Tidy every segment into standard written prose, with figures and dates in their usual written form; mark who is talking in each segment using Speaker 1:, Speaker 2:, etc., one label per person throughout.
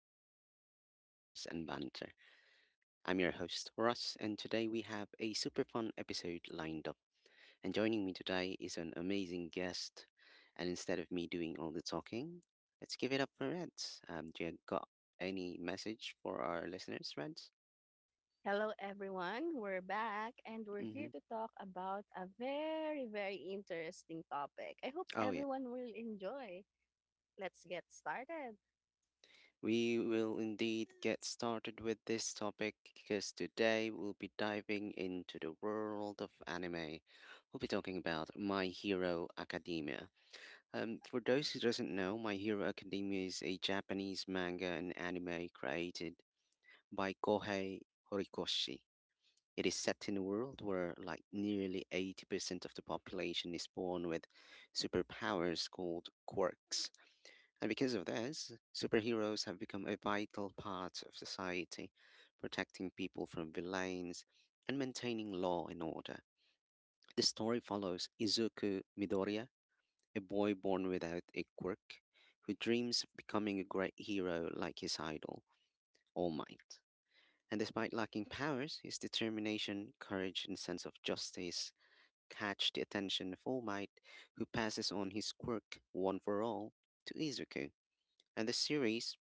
Speaker 1: spot for light discussions and banter. I'm your host, Russ, and today we have a super fun episode lined up. And joining me today is an amazing guest. And instead of me doing all the talking, let's give it up for Reds. Do you got any message for our listeners, Reds?
Speaker 2: Hello, everyone. We're back and we're here
Speaker 1: Mm-hmm.
Speaker 2: to talk about a very, very interesting topic. I hope
Speaker 1: Oh, yeah.
Speaker 2: everyone will enjoy. Let's get started.
Speaker 1: We will indeed get started with this topic because today we'll be diving into the world of anime. We'll be talking about My Hero Academia. For those who doesn't know, My Hero Academia is a Japanese manga and anime created by Kohei Horikoshi. It is set in a world where like nearly 80% of the population is born with superpowers called quirks, and because of this, superheroes have become a vital part of society, protecting people from villains and maintaining law and order. The story follows Izuku Midoriya, a boy born without a quirk, who dreams of becoming a great hero like his idol, All Might. And despite lacking powers, his determination, courage, and sense of justice catch the attention of All Might, who passes on his quirk, one for all, to Izuku. And the series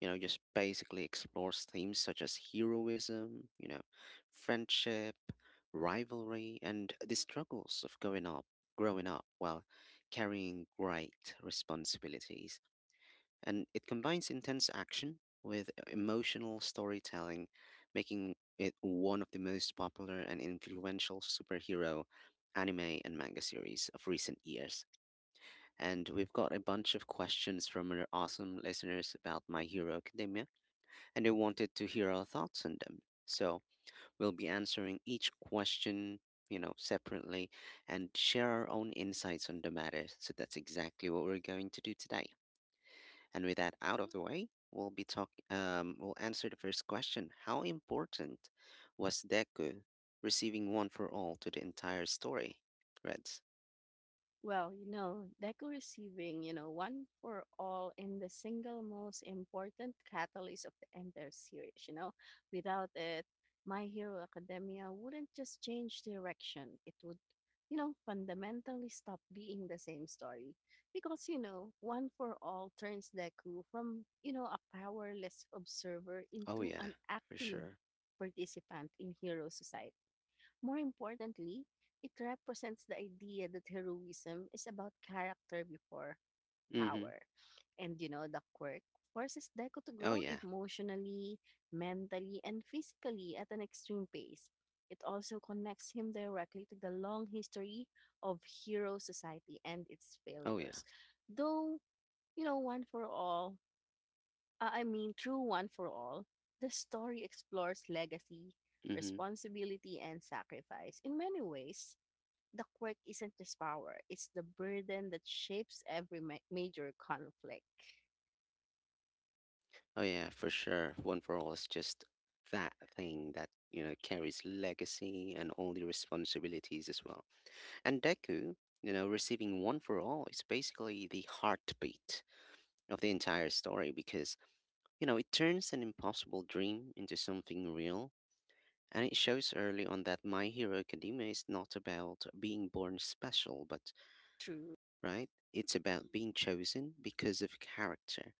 Speaker 1: just basically explores themes such as heroism, friendship, rivalry, and the struggles of growing up, while carrying great responsibilities. And it combines intense action with emotional storytelling, making it one of the most popular and influential superhero anime and manga series of recent years. And we've got a bunch of questions from our awesome listeners about My Hero Academia, and they wanted to hear our thoughts on them. So we'll be answering each question, separately, and share our own insights on the matter. So that's exactly what we're going to do today. And with that out of the way, we'll be talk we'll answer the first question. How important was Deku receiving one for all to the entire story? Reds.
Speaker 2: DECO receiving, one for all in the single most important catalyst of the entire series. Without it, My Hero Academia wouldn't just change direction. It would, fundamentally stop being the same story. Because, one for all turns Deku from, a powerless observer
Speaker 1: Oh
Speaker 2: into
Speaker 1: yeah,
Speaker 2: an
Speaker 1: for
Speaker 2: active
Speaker 1: sure.
Speaker 2: participant in hero society. More importantly, it represents the idea that heroism is about character before
Speaker 1: Mm-hmm.
Speaker 2: power. The quirk forces Deku to
Speaker 1: Oh
Speaker 2: grow
Speaker 1: yeah.
Speaker 2: emotionally, mentally, and physically at an extreme pace. It also connects him directly to the long history of hero society and its
Speaker 1: Oh yeah.
Speaker 2: failures. Though, you know, one for all, I mean, through One for All, the story explores legacy,
Speaker 1: Mm-hmm.
Speaker 2: responsibility, and sacrifice. In many ways, the quirk isn't just power, it's the burden that shapes every major conflict.
Speaker 1: Oh yeah, for sure. One for all is just that thing that, carries legacy and all the responsibilities as well. And Deku, receiving one for all is basically the heartbeat of the entire story because, it turns an impossible dream into something real. And it shows early on that My Hero Academia is not about being born special, but,
Speaker 2: True,
Speaker 1: right? It's about being chosen because of character.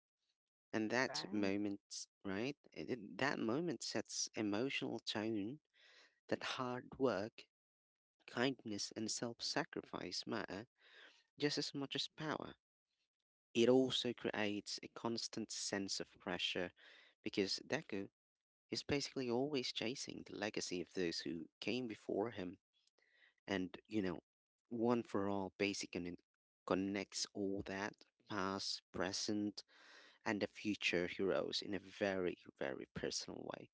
Speaker 1: And that
Speaker 2: right?
Speaker 1: moment, right? That moment sets emotional tone that hard work, kindness, and self sacrifice matter just as much as power. It also creates a constant sense of pressure because Deku is basically always chasing the legacy of those who came before him. And, one for all basically connects all that past, present, and the future heroes in a very, very personal way.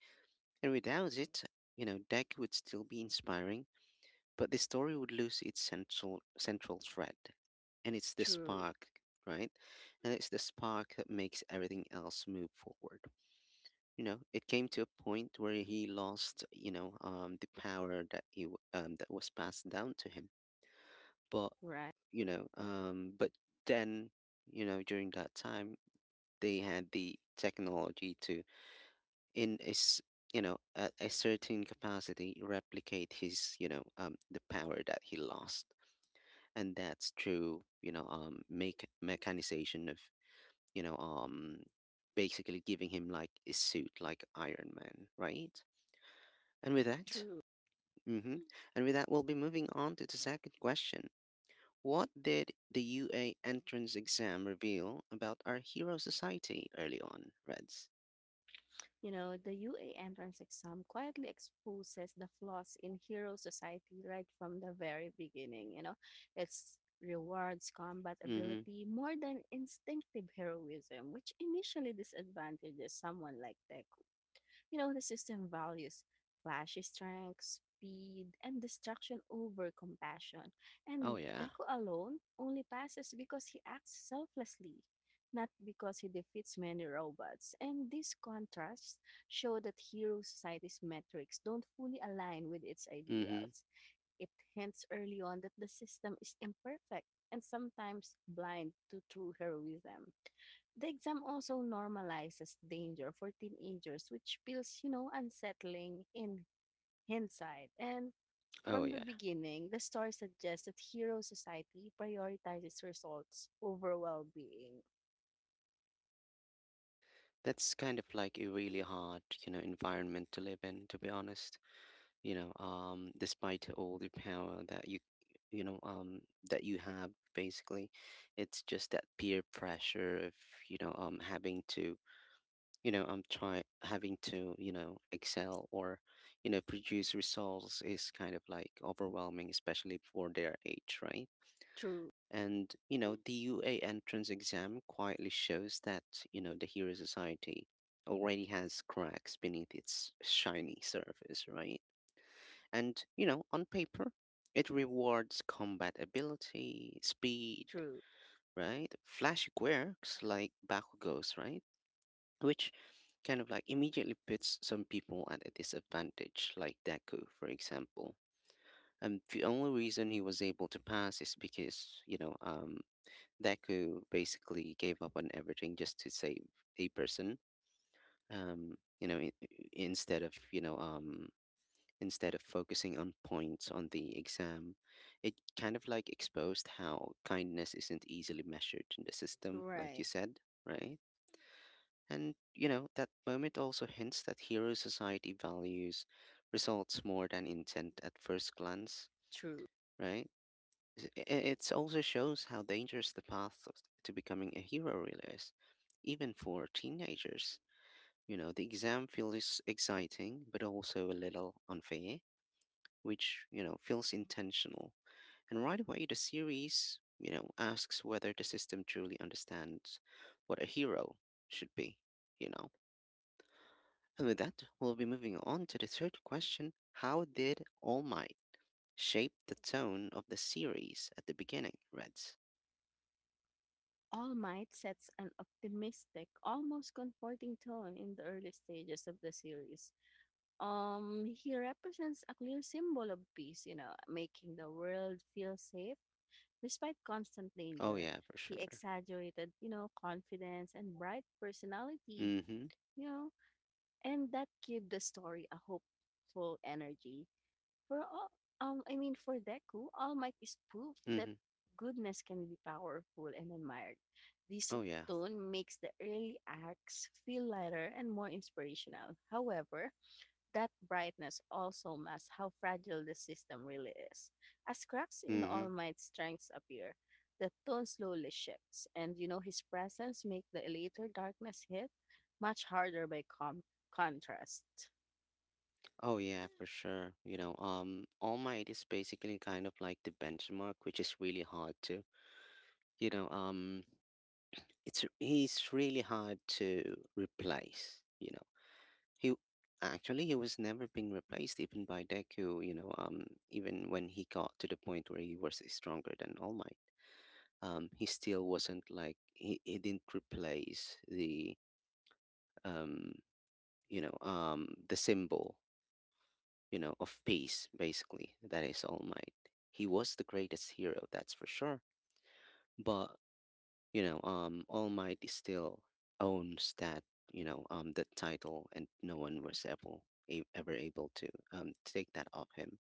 Speaker 1: And without it, Deck would still be inspiring, but the story would lose its central thread. And it's the
Speaker 2: True,
Speaker 1: spark, right? And it's the spark that makes everything else move forward. It came to a point where he lost, the power that that was passed down to him. But
Speaker 2: right?
Speaker 1: but then, during that time, they had the technology to. In is a certain capacity replicate his the power that he lost. And that's through make mechanization of you know um basically giving him like a suit, like Iron Man, right? And with that,
Speaker 2: True.
Speaker 1: mm-hmm. And with that, we'll be moving on to the second question. What did the UA entrance exam reveal about our hero society early on, Reds?
Speaker 2: You know, the UA entrance exam quietly exposes the flaws in hero society right from the very beginning. You know, it's rewards combat
Speaker 1: Mm-hmm.
Speaker 2: ability more than instinctive heroism, which initially disadvantages someone like Tech. You know, the system values flashy strength, speed, and destruction over compassion.
Speaker 1: Oh
Speaker 2: And
Speaker 1: yeah.
Speaker 2: Deku alone only passes because he acts selflessly, not because he defeats many robots. And these contrasts show that hero society's metrics don't fully align with its
Speaker 1: Mm-hmm.
Speaker 2: ideals. It hints early on that the system is imperfect and sometimes blind to true heroism. The exam also normalizes danger for teenagers, which feels, unsettling in hindsight. And
Speaker 1: Oh
Speaker 2: from the
Speaker 1: yeah.
Speaker 2: beginning, the story suggests that hero society prioritizes results over well-being.
Speaker 1: That's kind of like a really hard, environment to live in, to be honest. Despite all the power that you know, um, you have, basically, it's just that peer pressure of, having to, try having to, excel or, produce results is kind of like overwhelming, especially for their age, right?
Speaker 2: True,
Speaker 1: And, the UA entrance exam quietly shows that, the Hero Society already has cracks beneath its shiny surface, right? And, on paper, it rewards combat ability, speed,
Speaker 2: true,
Speaker 1: right? Flashy quirks like Bakugo's, right? Which kind of like immediately puts some people at a disadvantage, like Deku, for example. And the only reason he was able to pass is because, Deku basically gave up on everything just to save a person. You know, in, instead of you know, instead of focusing on points on the exam, it kind of like exposed how kindness isn't easily measured in the system, like
Speaker 2: right,
Speaker 1: you said, right? And that moment also hints that hero society values results more than intent at first glance,
Speaker 2: true.
Speaker 1: right? It also shows how dangerous the path to becoming a hero really is, even for teenagers. The exam feels exciting, but also a little unfair, which, feels intentional. And right away, the series, asks whether the system truly understands what a hero should be, you know. And with that, we'll be moving on to the third question. How did All Might shape the tone of the series at the beginning, Reds?
Speaker 2: All Might sets an optimistic, almost comforting tone in the early stages of the series. He represents a clear symbol of peace, making the world feel safe despite constant
Speaker 1: Oh
Speaker 2: danger.
Speaker 1: yeah, for
Speaker 2: He
Speaker 1: sure.
Speaker 2: exaggerated, confidence and bright personality,
Speaker 1: Mhm.
Speaker 2: you know, and that gave the story a hopeful energy. For all, for Deku, All Might is proof that
Speaker 1: Mhm.
Speaker 2: goodness can be powerful and admired. This
Speaker 1: Oh yeah.
Speaker 2: tone makes the early acts feel lighter and more inspirational. However, that brightness also masks how fragile the system really is. As cracks in All
Speaker 1: Mhm.
Speaker 2: Might's strengths appear, the tone slowly shifts, and you know his presence make the later darkness hit much harder by contrast.
Speaker 1: Oh yeah, for sure. All Might is basically kind of like the benchmark, which is really hard to, you know, it's he's really hard to replace. You know, he actually he was never being replaced even by Deku. Even when he got to the point where he was stronger than All Might, he still wasn't like he didn't replace um the symbol, of peace, basically. That is All Might. He was the greatest hero, that's for sure. But All Might is still owns that title, and no one was ever able to take that off him.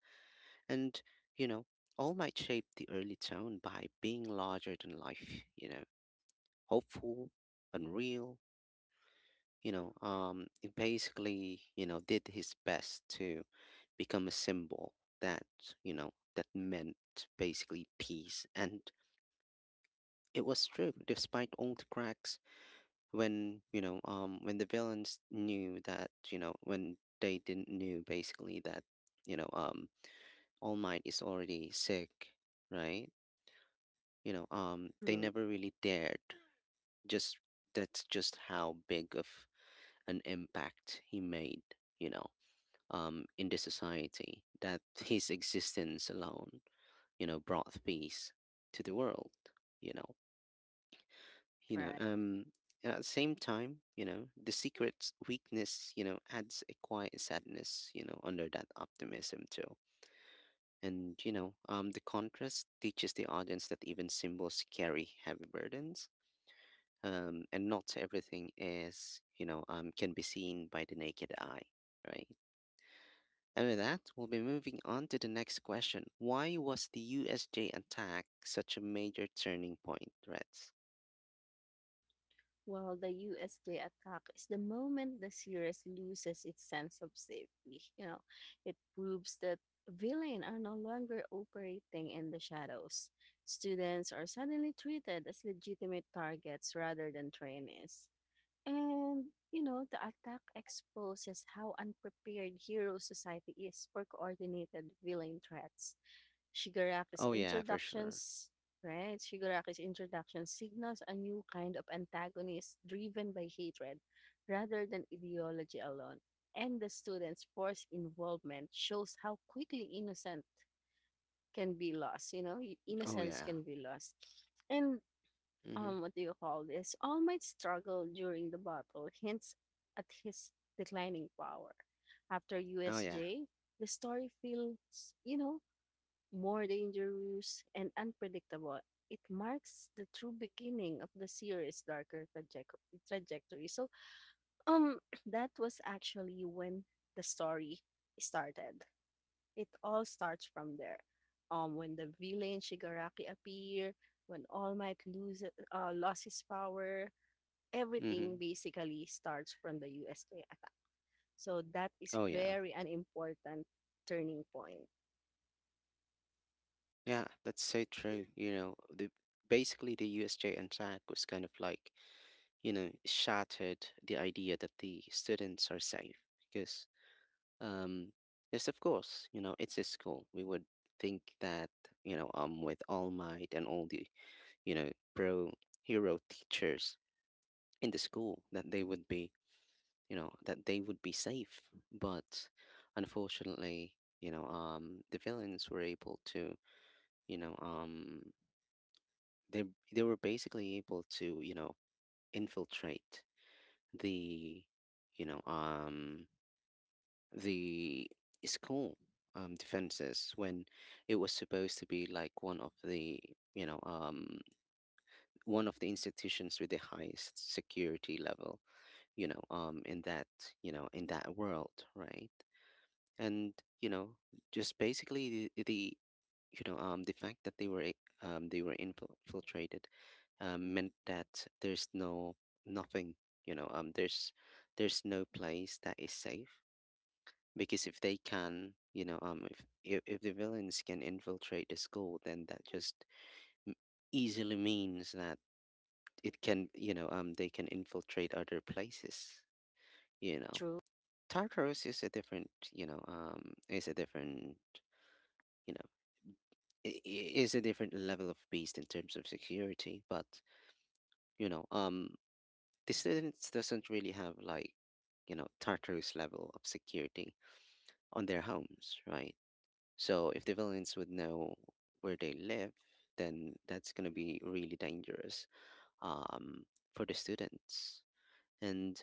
Speaker 1: And, you know, All Might shaped the early town by being larger than life, hopeful, unreal, he basically, did his best to become a symbol that, you know, that meant basically peace. And it was true, despite all the cracks when the villains knew that, you know, when they didn't knew basically that, you know, um, All Might is already sick, right? They
Speaker 2: True.
Speaker 1: never really dared. Just that's just how big of an impact he made, you know. In the society that his existence alone, brought peace to the world. You know, you know.
Speaker 2: Right.
Speaker 1: Um, and at the same time, the secret's weakness, adds a quiet sadness, under that optimism too. And the contrast teaches the audience that even symbols carry heavy burdens. And not everything can be seen by the naked eye, right? And with that, we'll be moving on to the next question. Why was the USJ attack such a major turning point, Reds?
Speaker 2: While the USJ attack is the moment the series loses its sense of safety. You know, it proves that villains are no longer operating in the shadows. Students are suddenly treated as legitimate targets rather than trainees. And the attack exposes how unprepared hero society is for coordinated villain threats. Shigaraku's
Speaker 1: Oh yeah, for sure.
Speaker 2: introductions, right? Shigaraku's introduction signals a new kind of antagonist driven by hatred rather than ideology alone. And the students' forced involvement shows how quickly innocent can be lost, you know, i-
Speaker 1: Oh
Speaker 2: innocence
Speaker 1: yeah.
Speaker 2: can be lost. And
Speaker 1: Mm-hmm.
Speaker 2: what do you call this? All Might's struggle during the battle hints at his declining power. After
Speaker 1: Oh yeah.
Speaker 2: USJ, the story feels, more dangerous, and unpredictable, it marks the true beginning of the series' darker trajectory. So, um, that was actually when the story started. It all starts from there. When the villain Shigaraki appear, when All Might lost his power, everything
Speaker 1: Mm-hmm.
Speaker 2: basically starts from the USK attack. So that is
Speaker 1: Oh yeah.
Speaker 2: very an important turning point.
Speaker 1: Yeah, that's so true. You know, the basically the USJ attack was kind of like, shattered the idea that the students are safe, because um yes, of course, it's a school. We would think that, with All Might and all the pro hero teachers in the school, that they would be safe. But unfortunately, the villains were able to, you know, um, they they were basically able to, infiltrate the, you know, um, the school defenses, when it was supposed to be like you know um one of the institutions with the highest security level, in that world, right? And you know, just basically the fact that they were infiltrated, meant that there's no nothing, you know, um, there's there's no place that is safe, because if they can, you know, if the villains can infiltrate the school, then that just m- easily means that it can, you know, they can infiltrate other places, you know
Speaker 2: True,
Speaker 1: Tartarus is a different, you know, level of beast in terms of security. But you know, um, the students doesn't really have like, Tartarus level of security on their homes, right? So if the villains would know where they live, then that's gonna be really dangerous, um, for the students. And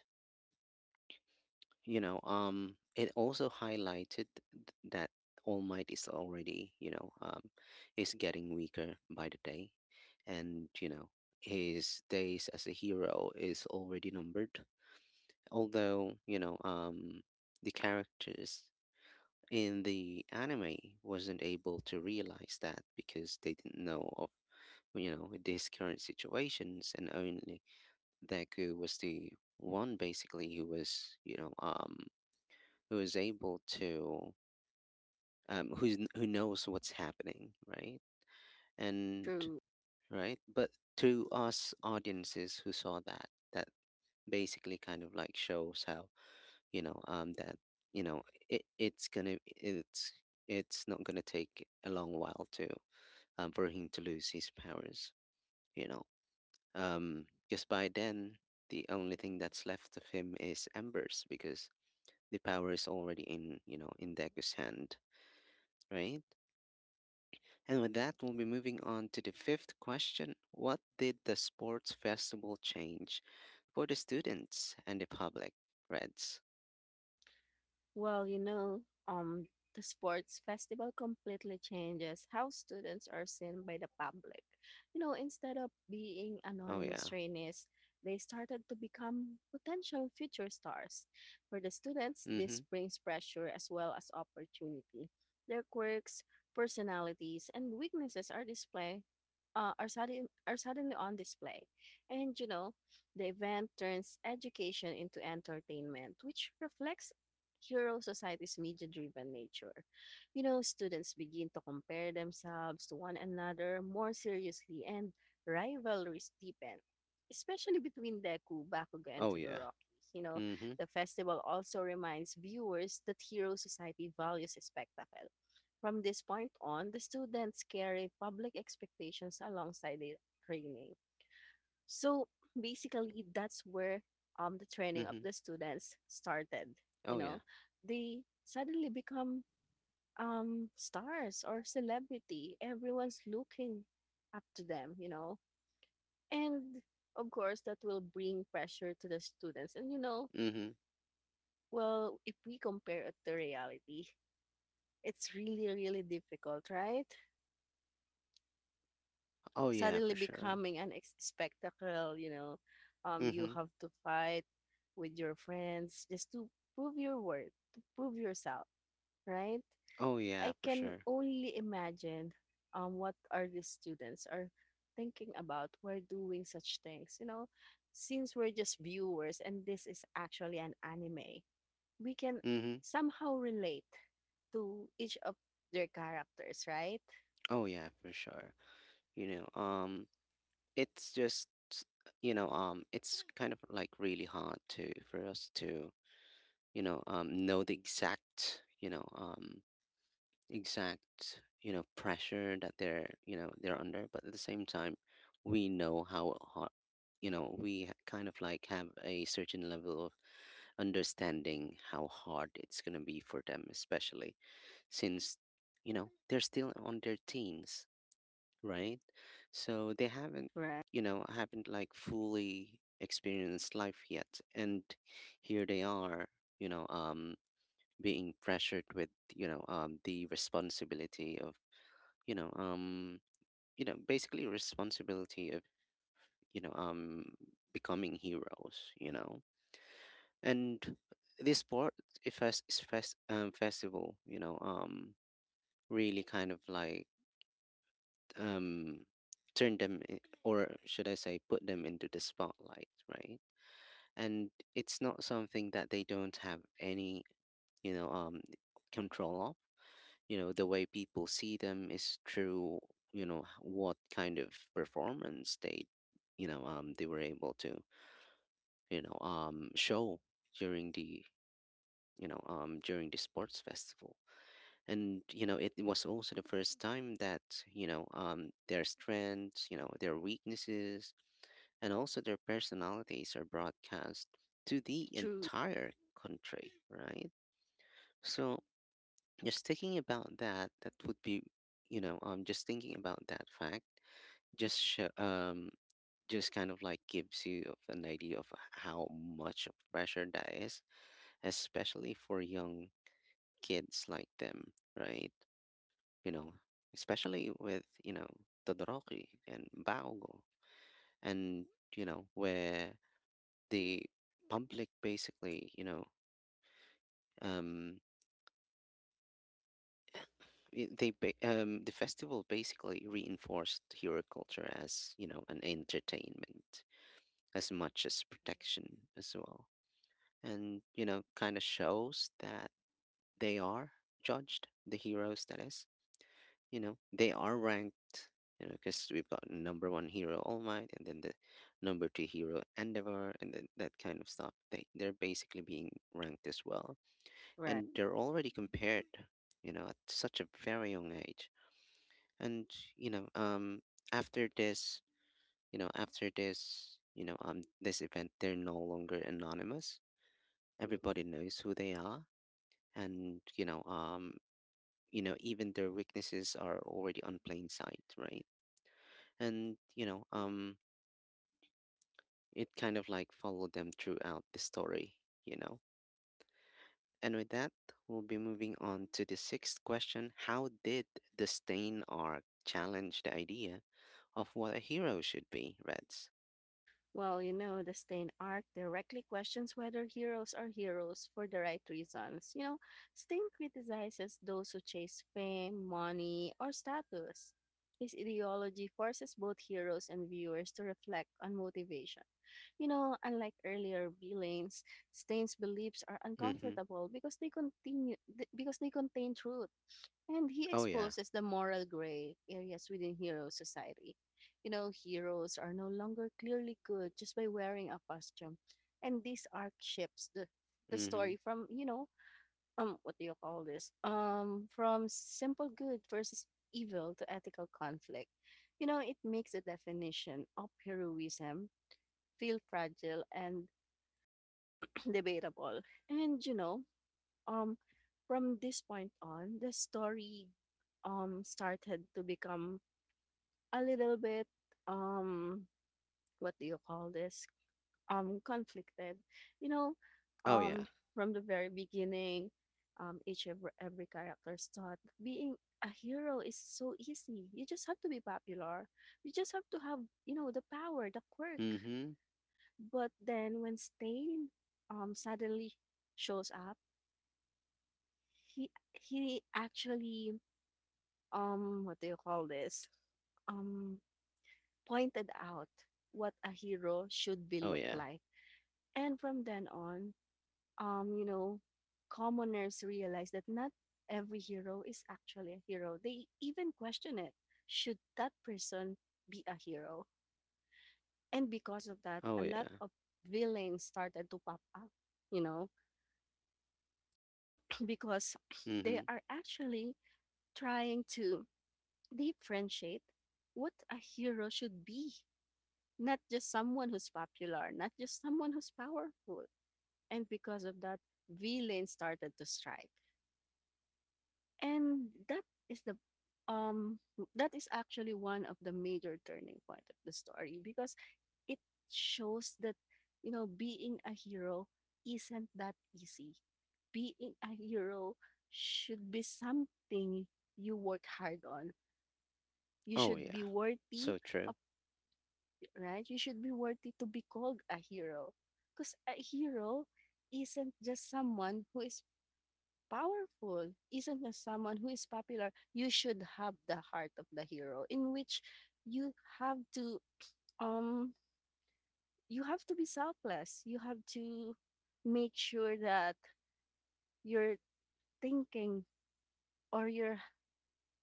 Speaker 1: it also highlighted that all might is already is getting weaker by the day, and you know his days as a hero is already numbered, although the characters in the anime wasn't able to realize that because they didn't know of you know these current situations. And only Deku was the one basically who was who is able to who knows what's happening, right? and
Speaker 2: true.
Speaker 1: Right, but to us audiences who saw that, that basically kind of like shows how that you know it, it's gonna it's it's not gonna take a long while to, for him to lose his powers, you know, because by then the only thing that's left of him is embers, because the power is already in you know in Deku's hand, right. And with that, we'll be moving on to the fifth question. What did the sports festival change for the students and the public? Reds.
Speaker 2: Well, you know, um, the sports festival completely changes how students are seen by the public. You know, instead of being
Speaker 1: Oh,
Speaker 2: anonymous
Speaker 1: yeah.
Speaker 2: trainees, they started to become potential future stars. For the students,
Speaker 1: Mm hmm.
Speaker 2: this brings pressure as well as opportunity. Their quirks, personalities, and weaknesses are display are sudden, are suddenly on display. And you know, the event turns education into entertainment, which reflects plural society's media-driven nature. You know, students begin to compare themselves to one another more seriously and rivalries deepen, especially between Deku, Bakugan, and
Speaker 1: Oh, yeah.
Speaker 2: Todoroki. You know,
Speaker 1: Mm hmm.
Speaker 2: the festival also reminds viewers that Hero Society values spectacle. From this point on, the students carry public expectations alongside their training. So basically, that's where the training
Speaker 1: Mm
Speaker 2: of
Speaker 1: hmm.
Speaker 2: the students started. You
Speaker 1: Oh, yeah.
Speaker 2: know, they suddenly become stars or celebrity. Everyone's looking up to them, you know. And of course, that will bring pressure to the students. And,
Speaker 1: Mm hmm.
Speaker 2: well, if we compare it to reality, it's really, really difficult, right?
Speaker 1: Oh, yeah,
Speaker 2: suddenly
Speaker 1: for sure.
Speaker 2: becoming an ex- spectacle, you know.
Speaker 1: Mm
Speaker 2: You
Speaker 1: hmm.
Speaker 2: have to fight with your friends just to prove your worth, to prove yourself, right?
Speaker 1: Oh, yeah,
Speaker 2: I
Speaker 1: for
Speaker 2: can
Speaker 1: sure.
Speaker 2: only imagine what are the students are thinking about while doing such things, you know. Since we're just viewers and this is actually an anime, we can
Speaker 1: Mm hmm.
Speaker 2: somehow relate to each of their characters, right?
Speaker 1: Oh, yeah, for sure. You know, um, it's just it's kind of like really hard for us to, know the exact, exact you know pressure that they're you know they're under. But at the same time, we know how hard, you know, kind of like have a certain level of understanding how hard it's going to be for them, especially since you know they're still on their teens, right? So they haven't,
Speaker 2: Right.
Speaker 1: you know, haven't like fully experienced life yet, and here they are, you know um being pressured with the responsibility of, you know um you know basically responsibility of, you know um becoming heroes, you know. And this sport if fest, is fest festival, really kind of like, um turn them I- or should I say put them into the spotlight, right? And it's not something that they don't have any, you know um control of. You know, the way people see them is through, you know, what kind of performance they they were able to, show during the, during the sports festival. And you know, it was also the first time that, their strengths, you know, their weaknesses, and also their personalities are broadcast to the
Speaker 2: True.
Speaker 1: entire country, right? So just thinking about that, that would be, just thinking about that fact, just sho um, just kind of like gives you of an idea of how much of pressure that is, especially for young kids like them, right? You know, especially with, you know, Todoroki and Baogo, and you know, where the public basically, um. The festival basically reinforced hero culture as you know an entertainment as much as protection as well. And you know kind of shows that they are judged, the heroes that is, you know they are ranked, you know, because we've got number one hero all might, and then the number two hero endeavor, and then that kind of stuff. They they're basically being ranked as well,
Speaker 2: Right.
Speaker 1: and they're already compared, you know, at such a very young age. And you know um after this, you know, after this, this event, they're no longer anonymous. Everybody knows who they are. And you know even their weaknesses are already on plain sight, right? And it kind of like followed them throughout the story, you know. And with that, we'll be moving on to the sixth question. How did the stain arc challenge the idea of what a hero should be, reds?
Speaker 2: The Stain arc directly questions whether heroes are heroes for the right reasons. You know, Stain criticizes those who chase fame, money, or status. His ideology forces both heroes and viewers to reflect on motivation. You know, unlike earlier villains, Stain's beliefs are
Speaker 1: Mm-hmm.
Speaker 2: uncomfortable because they contain truth. And he
Speaker 1: Oh yeah.
Speaker 2: exposes the moral gray areas within hero society. You know, heroes are no longer clearly good just by wearing a costume. And this arc shifts the
Speaker 1: Mhm.
Speaker 2: story from, you know, what do you call this? From simple good versus evil to ethical conflict. You know, it makes the definition of heroism feel fragile and debatable. And um from this point on the story started to become a little bit um what do you call this conflicted, you know
Speaker 1: Oh yeah.
Speaker 2: um from the very beginning, every character's thought being a hero is so easy. You just have to be popular, you just have to have you know the power, the quirk.
Speaker 1: Mhm.
Speaker 2: But then when stain suddenly shows up, he actually what do you call this? Um, pointed out what a hero should be
Speaker 1: Oh
Speaker 2: look
Speaker 1: yeah.
Speaker 2: like. And from then on, you know, commoners realize that not every hero is actually a hero. They even question it. Should that person be a hero? And because of that,
Speaker 1: Oh
Speaker 2: a lot
Speaker 1: yeah.
Speaker 2: of villains started to pop up, you know, because they
Speaker 1: Mhm.
Speaker 2: are actually trying to differentiate what a hero should be, not just someone who's popular, not just someone who's powerful. And because of that, villains started to strike. And that is the um that is actually one of the major turning point of the story, because it shows that you know being a hero isn't that easy. Being a hero should be something you work hard on. You
Speaker 1: Oh
Speaker 2: should
Speaker 1: yeah.
Speaker 2: be worthy,
Speaker 1: So true.
Speaker 2: right? You should be worthy to be called a hero. Because a hero isn't just someone who is powerful, isn't just someone who is popular. You should have the heart of the hero, in which you have to um you have to be selfless. You have to make sure that you're thinking or you're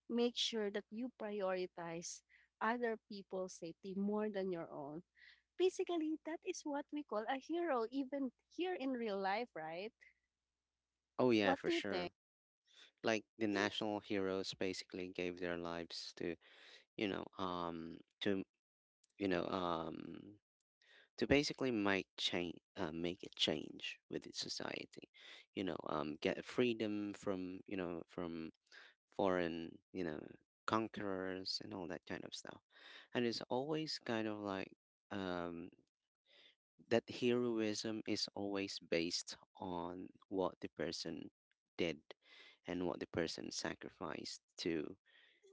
Speaker 2: make sure that you prioritize other people's safety more than your own. Basically, that is what we call a hero, even here in real life, right?
Speaker 1: Oh yeah,
Speaker 2: What
Speaker 1: for
Speaker 2: do you think?
Speaker 1: sure. Like the national heroes basically gave their lives to, you know, um to, you know, um to basically make change, make a change with its society. You know, get freedom from, you know, from foreign, you know, conquerors and all that kind of stuff. And it's always kind of like, um that heroism is always based on what the person did and what the person sacrificed to,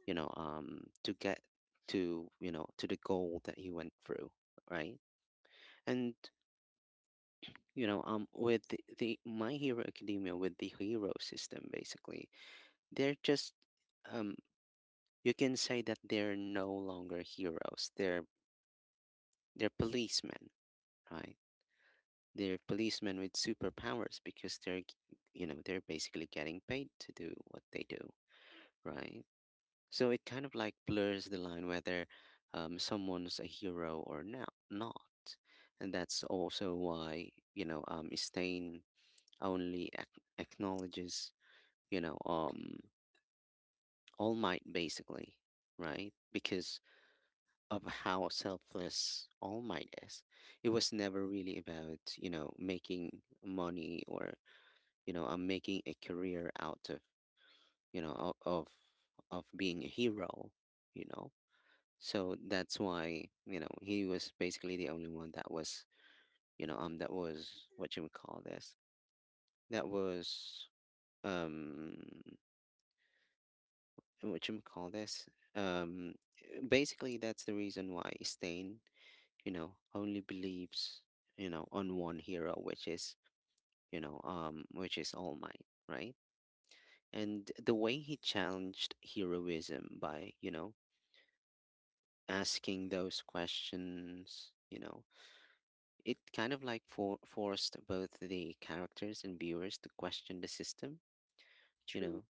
Speaker 1: to get to, you know, to the goal that he went through, right? And with the my hero academia, with the hero system, basically they're just, um you can say that they're no longer heroes they're policemen, right? They're policemen with superpowers, because you know, they're basically getting paid to do what they do, right? So it kind of like blurs the line whether, someone's a hero or not, not. And that's also why, you know, Stain only ac acknowledges, you know, um, All Might basically, right? Because of how selfless All Might is. It was never really about, you know, making money, or you know I'm making a career out of, you know o- of of being a hero, you know. So that's why, you know, he was basically the only one that was, that was what you would call this that was, um what you would call this um basically that's the reason why stain, you know, only believes, you know, on one hero, which is, which is all might, right. And the way he challenged heroism by, you know, asking those questions, you know, it kind of like forced both the characters and viewers to question the system, you
Speaker 2: True,
Speaker 1: know.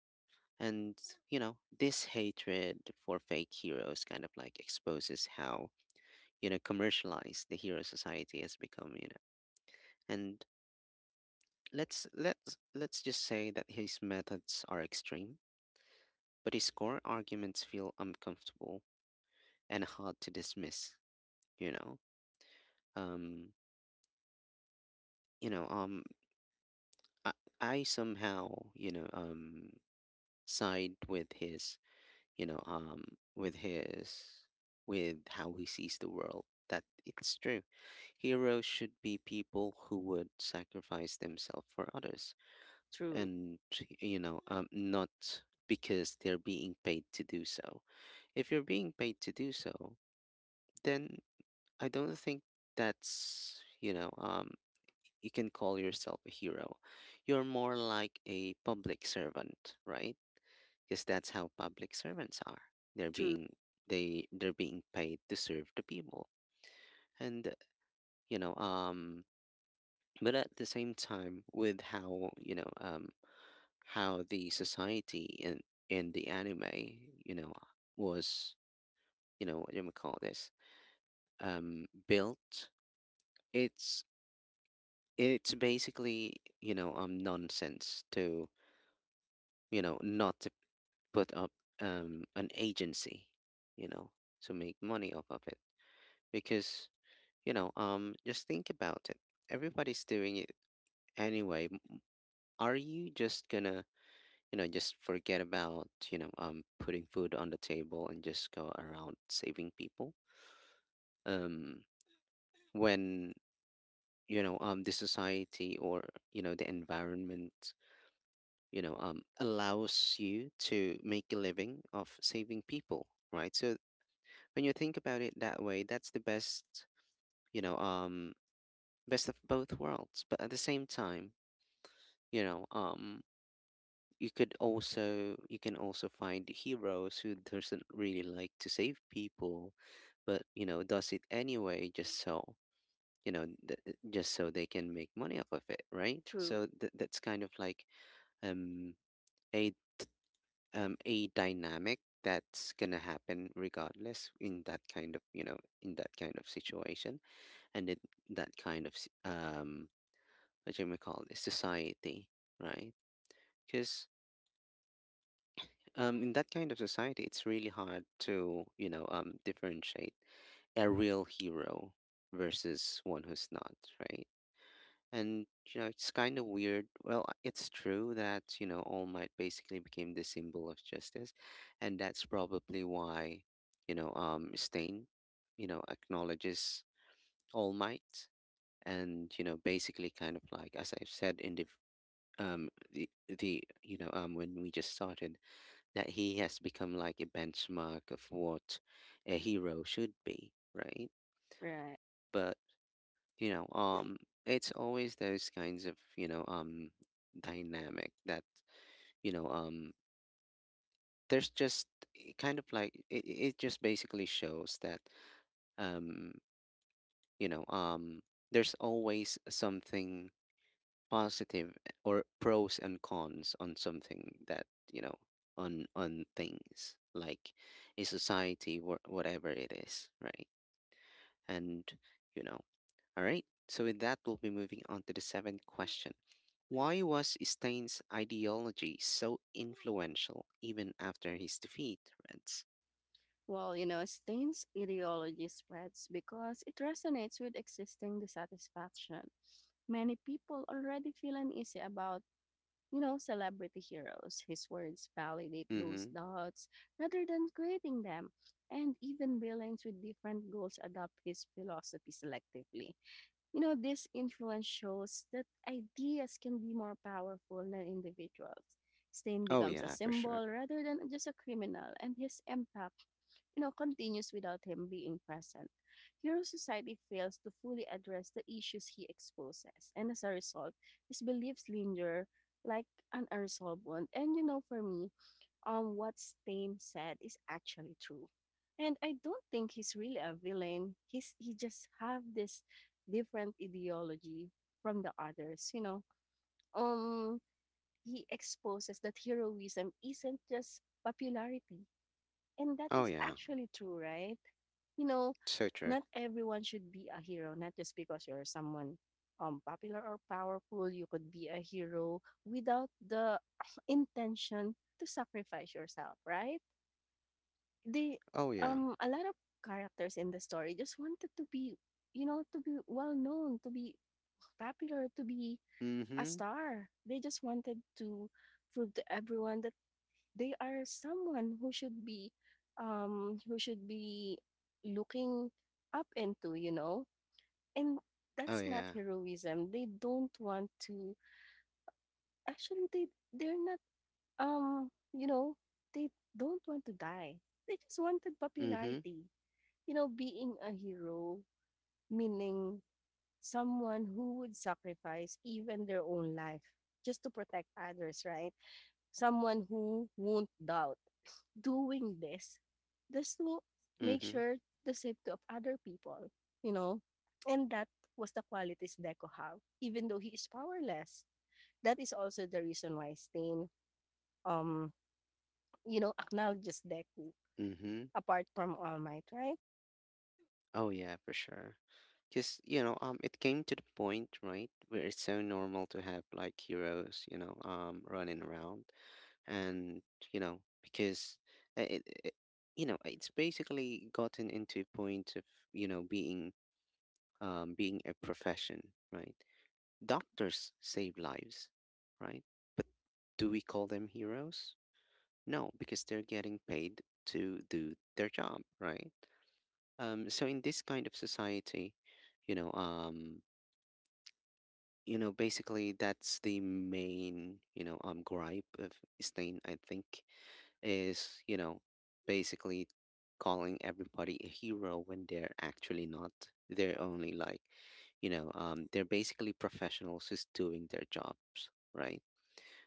Speaker 1: And you know this hatred for fake heroes kind of like exposes how, you know, commercialized the hero society has become, you know. And let's just say that his methods are extreme, but his core arguments feel uncomfortable and hard to dismiss, you know. um you know um i, I somehow, side with his, you know um with his, with how he sees the world. That it's true, heroes should be people who would sacrifice themselves for others,
Speaker 2: true,
Speaker 1: and not because they're being paid to do so. If you're being paid to do so, then I don't think that's, you can call yourself a hero. You're more like a public servant, right? Because that's how public servants are. They're
Speaker 2: true,
Speaker 1: being, they're being paid to serve the people. And you know, um but at the same time, with how, how the society in the anime, you know, was, you know, what do we call this? Built. It's it's basically, nonsense to you know not put up an agency, you know, to make money off of it. Because, just think about it. Everybody's doing it anyway. Are you just gonna, you know, just forget about, putting food on the table and just go around saving people? Um, when, the society, or, you know, the environment, allows you to make a living of saving people, right? So when you think about it that way, that's the best, you know, um, best of both worlds. But at the same time, you know, um, you can also find heroes who doesn't really like to save people, but you know, does it anyway just so, you know, just so they can make money off of it, right?
Speaker 2: true,
Speaker 1: So that's kind of like um a a dynamic that's gonna happen regardless in that kind of, in that kind of situation. And it, that kind of s- What you may call this society, right? Because in that kind of society, it's really hard to, differentiate a real hero versus one who's not, right? And, it's kind of weird. Well, it's true that, All Might basically became the symbol of justice. And that's probably why, Stain, acknowledges All Might. And, basically kind of like, as I've said, in the v- the when we just started, that he has become like a benchmark of what a hero should be, right?
Speaker 2: right.
Speaker 1: But, you know um it's always those kinds of, dynamic that, you know um there's just— it kind of like it just basically shows that, um you know um there's always something positive, or pros and cons on something that, you know on things like a society, whatever it is, right? And, you know all right, so with that, we'll be moving on to the seventh question. Why was Stein's ideology so influential even after his defeat, Reds?
Speaker 2: Stein's ideology spreads because it resonates with existing dissatisfaction. Many people already feel uneasy about, celebrity heroes. His words validate those
Speaker 1: Mm-hmm.
Speaker 2: doubts rather than creating them. And even villains with different goals adopt his philosophy selectively. You know, this influence shows that ideas can be more powerful than individuals. Stain
Speaker 1: Oh
Speaker 2: becomes a
Speaker 1: yeah, for sure.
Speaker 2: symbol rather than just a criminal, and his impact, continues without him being present. Hero Society fails to fully address the issues he exposes, and as a result, his beliefs linger like an unresolved wound. And you know, for me, what Stain said is actually true. And I don't think he's really a villain. He just have this different ideology from the others, you know. Um, he exposes that heroism isn't just popularity, and that
Speaker 1: Oh
Speaker 2: is
Speaker 1: yeah.
Speaker 2: actually true, right? You know,
Speaker 1: So true.
Speaker 2: not everyone should be a hero. Not just because you're someone popular or powerful, you could be a hero without the intention to sacrifice yourself, right? They
Speaker 1: Oh yeah.
Speaker 2: a lot of characters in the story just wanted to be, to be well known, to be popular, to be a
Speaker 1: Mm-hmm.
Speaker 2: star. They just wanted to prove to everyone that they are someone who should be um who should be looking up into, you know. And
Speaker 1: Oh
Speaker 2: that's not
Speaker 1: yeah.
Speaker 2: heroism. They don't want to actually they they're not you know, they don't want to die. They just wanted
Speaker 1: Mm-hmm.
Speaker 2: popularity. You know, being a hero, meaning someone who would sacrifice even their own life just to protect others, right? Someone who won't doubt doing this just to make
Speaker 1: Mm-hmm.
Speaker 2: sure the safety of other people, you know? And that was the qualities Deco have, even though he is powerless. That is also the reason why Stain, um, you know, acknowledges Deku
Speaker 1: Mm-hmm.
Speaker 2: apart from All Might, right?
Speaker 1: Oh yeah, for sure. Because, it came to the point, right, where it's so normal to have like heroes, running around. And, because uh, it, it, it's basically gotten into a point of, being, being a profession, right? Doctors save lives, right? But do we call them heroes? No, because they're getting paid to do their job, right? So in this kind of society, you know, um, basically that's the main, gripe of Stein, I think, is, basically calling everybody a hero when they're actually not. They're only like, they're basically professionals just doing their jobs, right?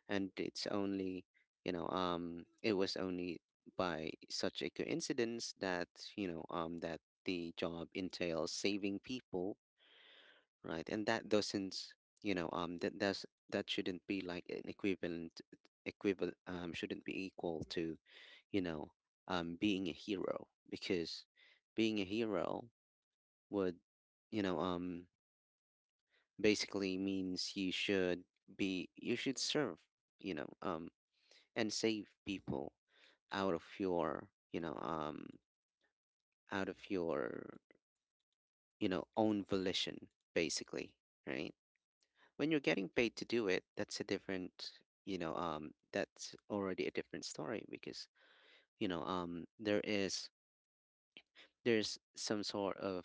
Speaker 1: And it was only by such a coincidence that, that the job entails saving people, right? And that doesn't you know that does that shouldn't be like an equivalent equivalent shouldn't be equal to, you know being a hero, because being a hero would, you know um basically means you should serve, you know um and save people out of your, out of your own volition, basically, right? When you're getting paid to do it, that's a different story. Because, you know um there is there's some sort of,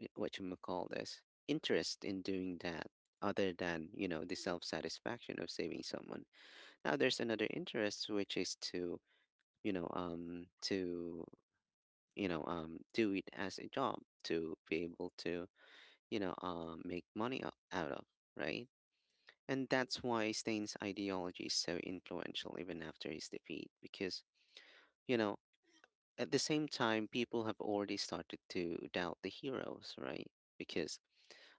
Speaker 1: what you may call this, interest in doing that, other than, the self-satisfaction of saving someone. Now there's another interest, which is to, you know um to do it as a job, to be able to, make money out of, right? And that's why Stain's ideology is so influential even after his defeat. Because, you know at the same time, people have already started to doubt the heroes, right? Because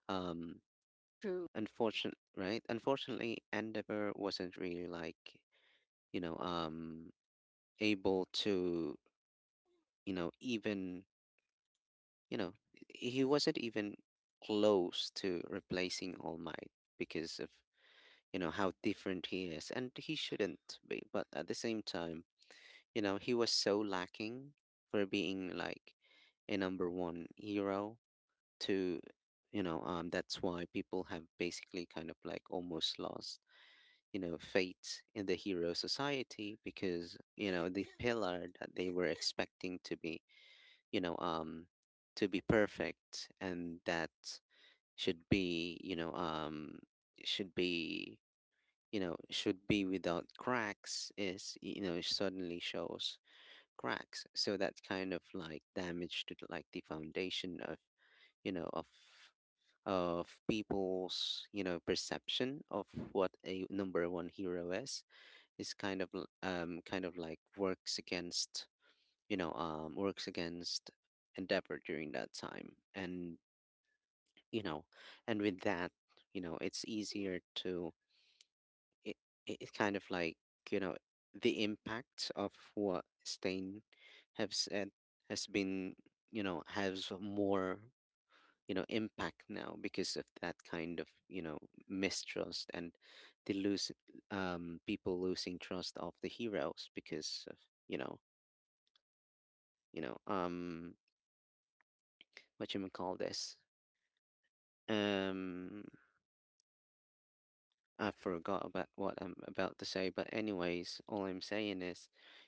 Speaker 1: um
Speaker 2: True.
Speaker 1: unfortunate right, unfortunately Endeavor wasn't really like, you know um able to, you know even you know, he wasn't even close to replacing All Might, because of, how different he is. And he shouldn't be. But at the same time, he was so lacking for being like a number one hero to. That's why people have basically kind of like almost lost, faith in the hero society, because, the pillar that they were expecting to be, you know, um, to be perfect, and that should be you know should be you know should be without cracks, is, it suddenly shows cracks. So that kind of like damage to the, like, the foundation of, you know of of people's, perception of what a number one hero is kind of kind of like works against, you know um works against Endeavor during that time. And, you know and with that, it's easier to— it, it kind of like you know the impact of what Stein have said has been, has more, impact now because of that kind of, mistrust, and the lose people losing trust of the heroes because of, you know you know um what you may call this, um I forgot about what I'm about to say, but anyways, all I'm saying is,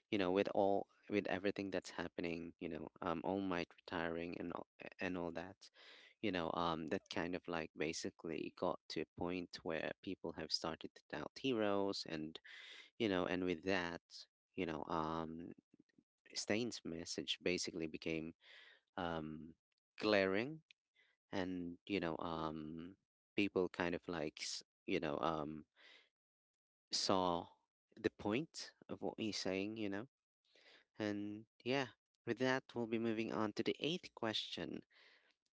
Speaker 1: with all with everything that's happening, All Might retiring and all that, that kind of like basically got to a point where people have started to doubt heroes, and you know, and with that, you know, Stain's message basically became um glaring. And, people kind of like saw the point of what he's saying, you know? And yeah, with that, we'll be moving on to the eighth question.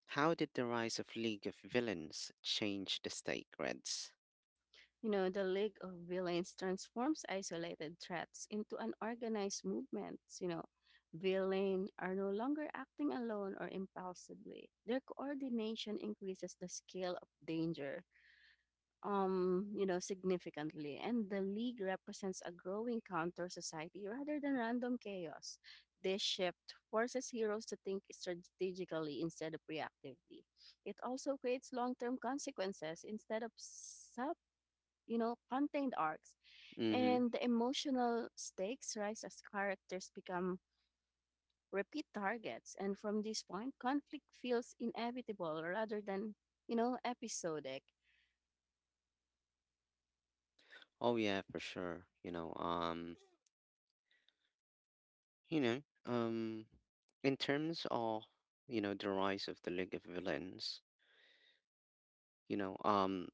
Speaker 1: How did the rise of League of Villains change the stake, Reds?
Speaker 2: You know, the League of Villains transforms isolated threats into an organized movement. You know, villains are no longer acting alone or impulsively. Their coordination increases the scale of danger, you know, significantly. And the League represents a growing counter society rather than random chaos. This shift forces heroes to think strategically instead of reactively. It also creates long term consequences instead of you know, contained arcs.
Speaker 1: Mm-hmm.
Speaker 2: And the emotional stakes rise as characters become repeat targets. And from this point, conflict feels inevitable rather than, you know, episodic.
Speaker 1: Oh yeah, for sure. You know, um, in terms of, the rise of the League of Villains, you know, um,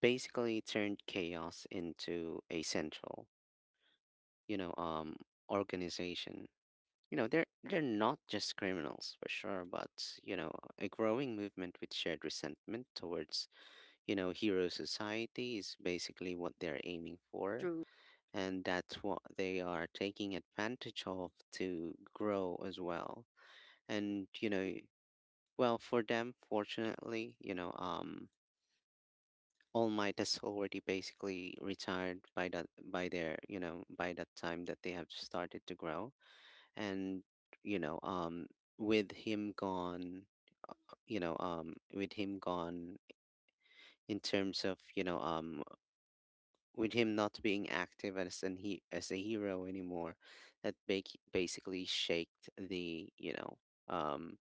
Speaker 1: basically turned chaos into a central, you know, um, organization. They're not just criminals for sure, but, a growing movement with shared resentment towards, hero society, is basically what they're aiming for,
Speaker 2: Through
Speaker 1: and that's what they are taking advantage of to grow as well. And, well, for them, fortunately, All Might has already basically retired by that by their, you know, by that time that they have started to grow. And, you know um with him gone with him gone, in terms of, with him not being active as an he as a hero anymore, that bake basically shaked the you know um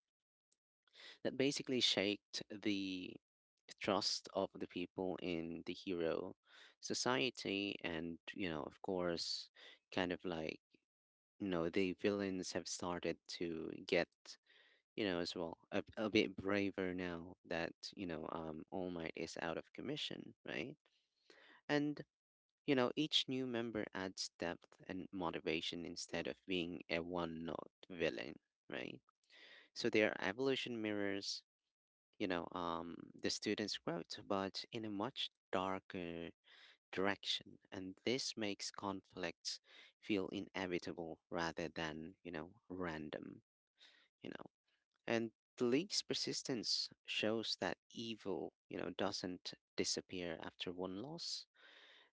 Speaker 1: that basically shaked the trust of the people in the hero society. And, of course, kind of like, the villains have started to get, as well, a bit braver now that, All Might is out of commission, right? And, each new member adds depth and motivation instead of being a one note villain, right? So their evolution mirrors, the students' growth, but in a much darker direction. And this makes conflicts feel inevitable rather than, random, you know. And Lee's persistence shows that evil, doesn't disappear after one loss.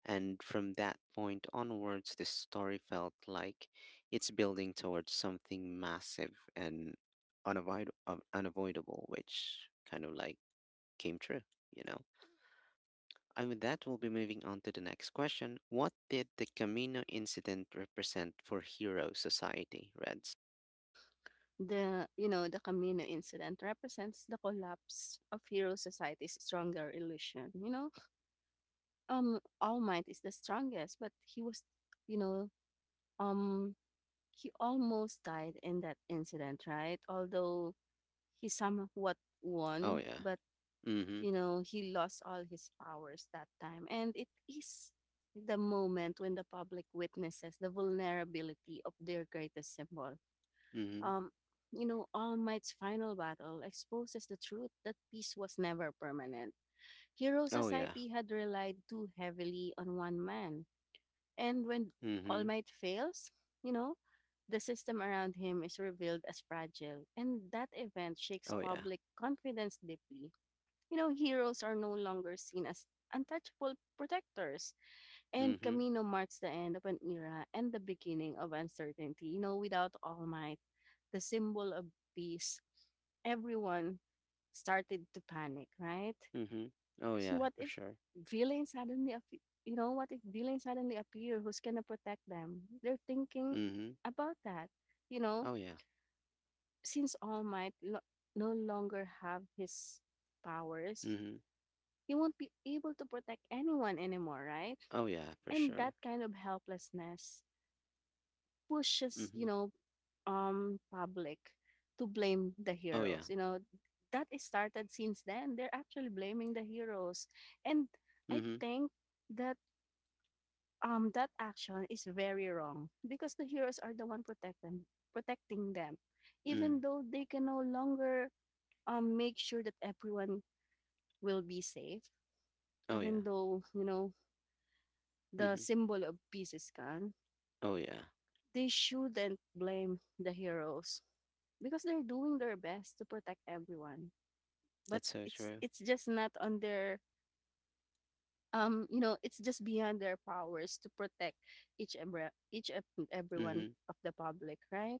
Speaker 1: And from that point onwards, the story felt like it's building towards something massive and unavoidable, which kind of like came true, you know? And with that, we'll be moving on to the next question. What did the Camino incident represent for Hero Society, Reds?
Speaker 2: the Camino incident represents the collapse of hero society's stronger illusion. You know, All Might is the strongest, but he was, you know, um, he almost died in that incident, right? Although he somewhat
Speaker 1: Oh,
Speaker 2: won.
Speaker 1: yeah.
Speaker 2: But
Speaker 1: Mm hmm.
Speaker 2: you know, he lost all his powers that time, and it is the moment when the public witnesses the vulnerability of their greatest symbol.
Speaker 1: Mm hmm.
Speaker 2: um you know, All Might's final battle exposes the truth that peace was never permanent. Hero
Speaker 1: Oh, yeah.
Speaker 2: society had relied too heavily on one man, and when
Speaker 1: Mm
Speaker 2: All
Speaker 1: hmm.
Speaker 2: Might fails, you know, the system around him is revealed as fragile, and that event shakes
Speaker 1: Oh, yeah.
Speaker 2: public confidence deeply. You know, heroes are no longer seen as untouchable protectors. And
Speaker 1: Mm-hmm.
Speaker 2: Camino marks the end of an era and the beginning of uncertainty. You know, without All Might, the symbol of peace, everyone started to panic, right?
Speaker 1: Mm-hmm. Oh
Speaker 2: So
Speaker 1: yeah,
Speaker 2: what
Speaker 1: for
Speaker 2: if
Speaker 1: sure.
Speaker 2: villains suddenly, you know, what if villains suddenly appear? Who's gonna protect them? They're thinking
Speaker 1: Mm-hmm.
Speaker 2: about that, you know.
Speaker 1: Oh yeah.
Speaker 2: Since All Might no longer have his powers,
Speaker 1: Mm-hmm.
Speaker 2: you won't be able to protect anyone anymore, right?
Speaker 1: Oh yeah, for
Speaker 2: And
Speaker 1: sure.
Speaker 2: that kind of helplessness pushes,
Speaker 1: Mm-hmm.
Speaker 2: public to blame the
Speaker 1: Oh yeah.
Speaker 2: heroes. You know, that is started since then. They're actually blaming the heroes, and I
Speaker 1: Mm-hmm.
Speaker 2: think that that action is very wrong because the heroes are the one protect them, protecting them,
Speaker 1: Mm.
Speaker 2: even though they can no longer make sure that everyone will be safe,
Speaker 1: Oh yeah.
Speaker 2: even though, you know, the
Speaker 1: Mm-hmm.
Speaker 2: symbol of Pisces,
Speaker 1: Oh yeah.
Speaker 2: they shouldn't blame the heroes because they're doing their best to protect everyone. But
Speaker 1: That's so
Speaker 2: it's
Speaker 1: true.
Speaker 2: it's just not on their you know, it's just beyond their powers to protect each and everyone
Speaker 1: Mm-hmm.
Speaker 2: of the public, right?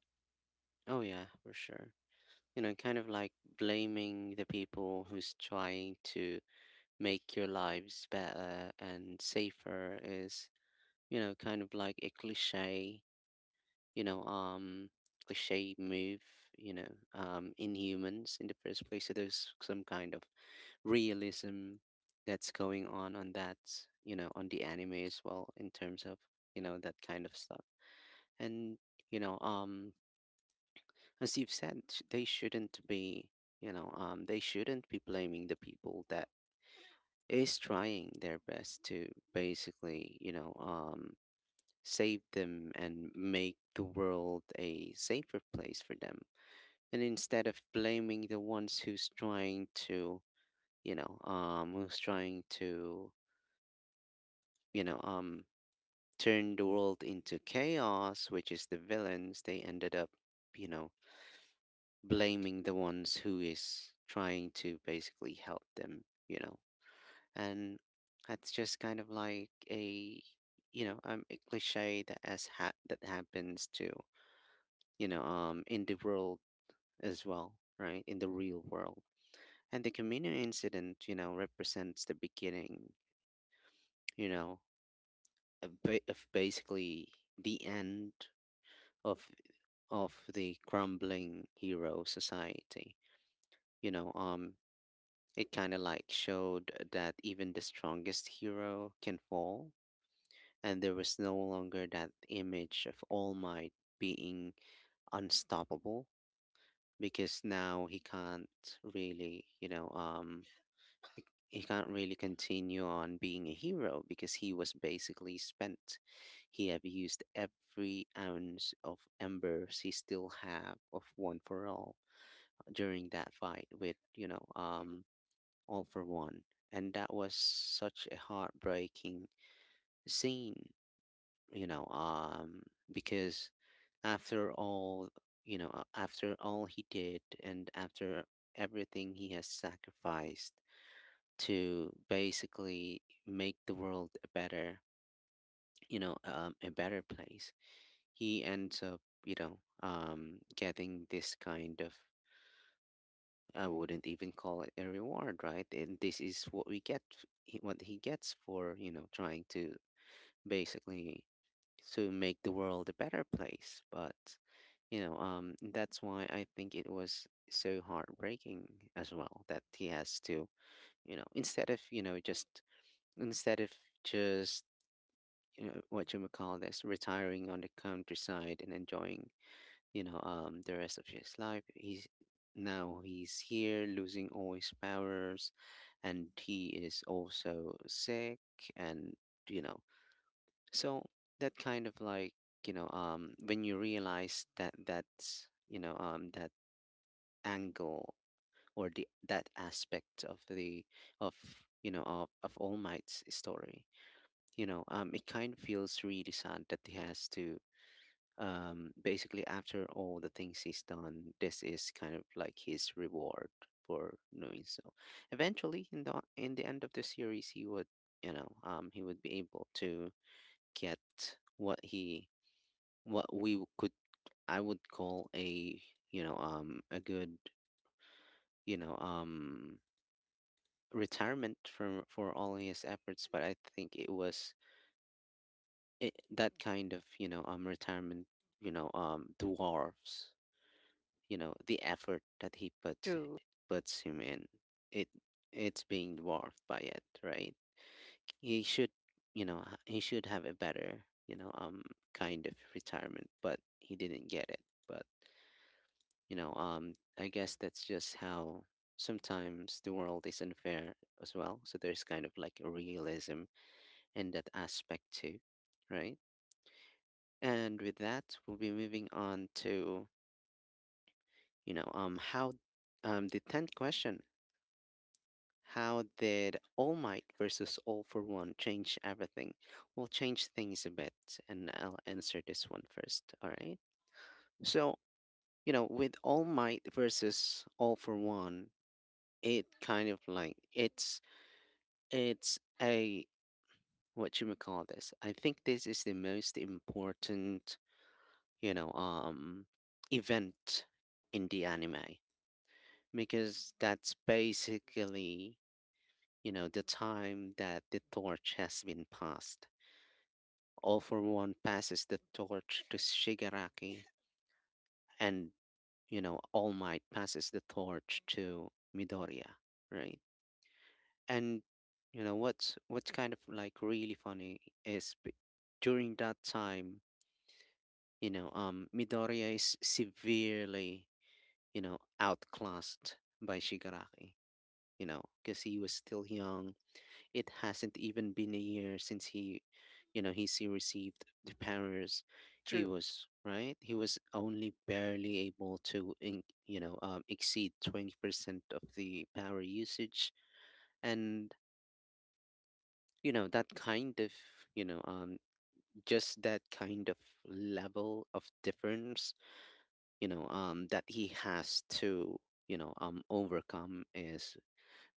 Speaker 1: Oh yeah, for sure. Kind of like blaming the people who's trying to make your lives better and safer is, kind of like a cliche, you know, um, cliche move, you know, in humans in the first place. So there's some kind of realism that's going on that, on the anime as well, in terms of, that kind of stuff. And, you know, um as you've said, they shouldn't be, blaming the people that is trying their best to basically, save them and make the world a safer place for them. And instead of blaming the ones who's trying to, you know, um, turned the world into chaos, which is the villains, they ended up, you know, blaming the ones who is trying to basically help them. And that's just kind of like a cliche that happens to, in the world as well, right? In the real world. And the Camino incident, represents the beginning, you know, of, of basically the end of of the crumbling hero society. You know, um, it kind of like showed that even the strongest hero can fall, and there was no longer that image of All Might being unstoppable, because now he can't really, he can't really continue on being a hero because he was basically spent. He abused every ounce of embers he still have of One for All during that fight with, all for one. And that was such a heartbreaking scene, you know um because, after all after all he did, and after everything he has sacrificed, to basically make the world a better, a better place. He ends up, getting this kind of— I wouldn't even call it a reward, right? And this is what we get, what he gets for, trying to basically to make the world a better place. But, that's why I think it was so heartbreaking as well, that he has to, you know, instead of, you know, just, instead of just, what you would call this, retiring on the countryside and enjoying, the rest of his life. He's now he's here losing all his powers, and he is also sick, and you know, so that kind of like when you realize that that angle or the that aspect of the of All Might's story, it kind of feels really sad that he has to basically, after all the things he's done, this is kind of like his reward for doing so. Eventually, in the end of the series, he would, he would be able to get what he what we could I would call a a good you know um retirement for all his efforts, but I think it was that kind of retirement dwarfs the effort that he puts,
Speaker 2: True,
Speaker 1: puts him in it, it's being dwarfed by it, right? He should he should have a better, kind of retirement, but he didn't get it. But I guess that's just how sometimes the world is unfair as well, so there's kind of like a realism in that aspect too, right? And with that, we'll be moving on to you know how the 10th question. How did All Might versus All for One change everything? We'll change things a bit, and I'll answer this one first, all right? So, with All Might versus All for One, it kind of like it's a what you may call this. I think this is the most important, you know, um event in the anime, because that's basically, the time that the torch has been passed. All for One passes the torch to Shigaraki, and All Might passes the torch to Midoriya, right? And what's kind of like really funny is during that time, Midoriya is severely, outclassed by Shigaraki, because he was still young. It hasn't even been a year since he you know he's he received the powers. He
Speaker 2: true.
Speaker 1: was right, he was only barely able to in, you know exceed 20% of the power usage. And that kind of you know um just that kind of level of difference that he has to overcome is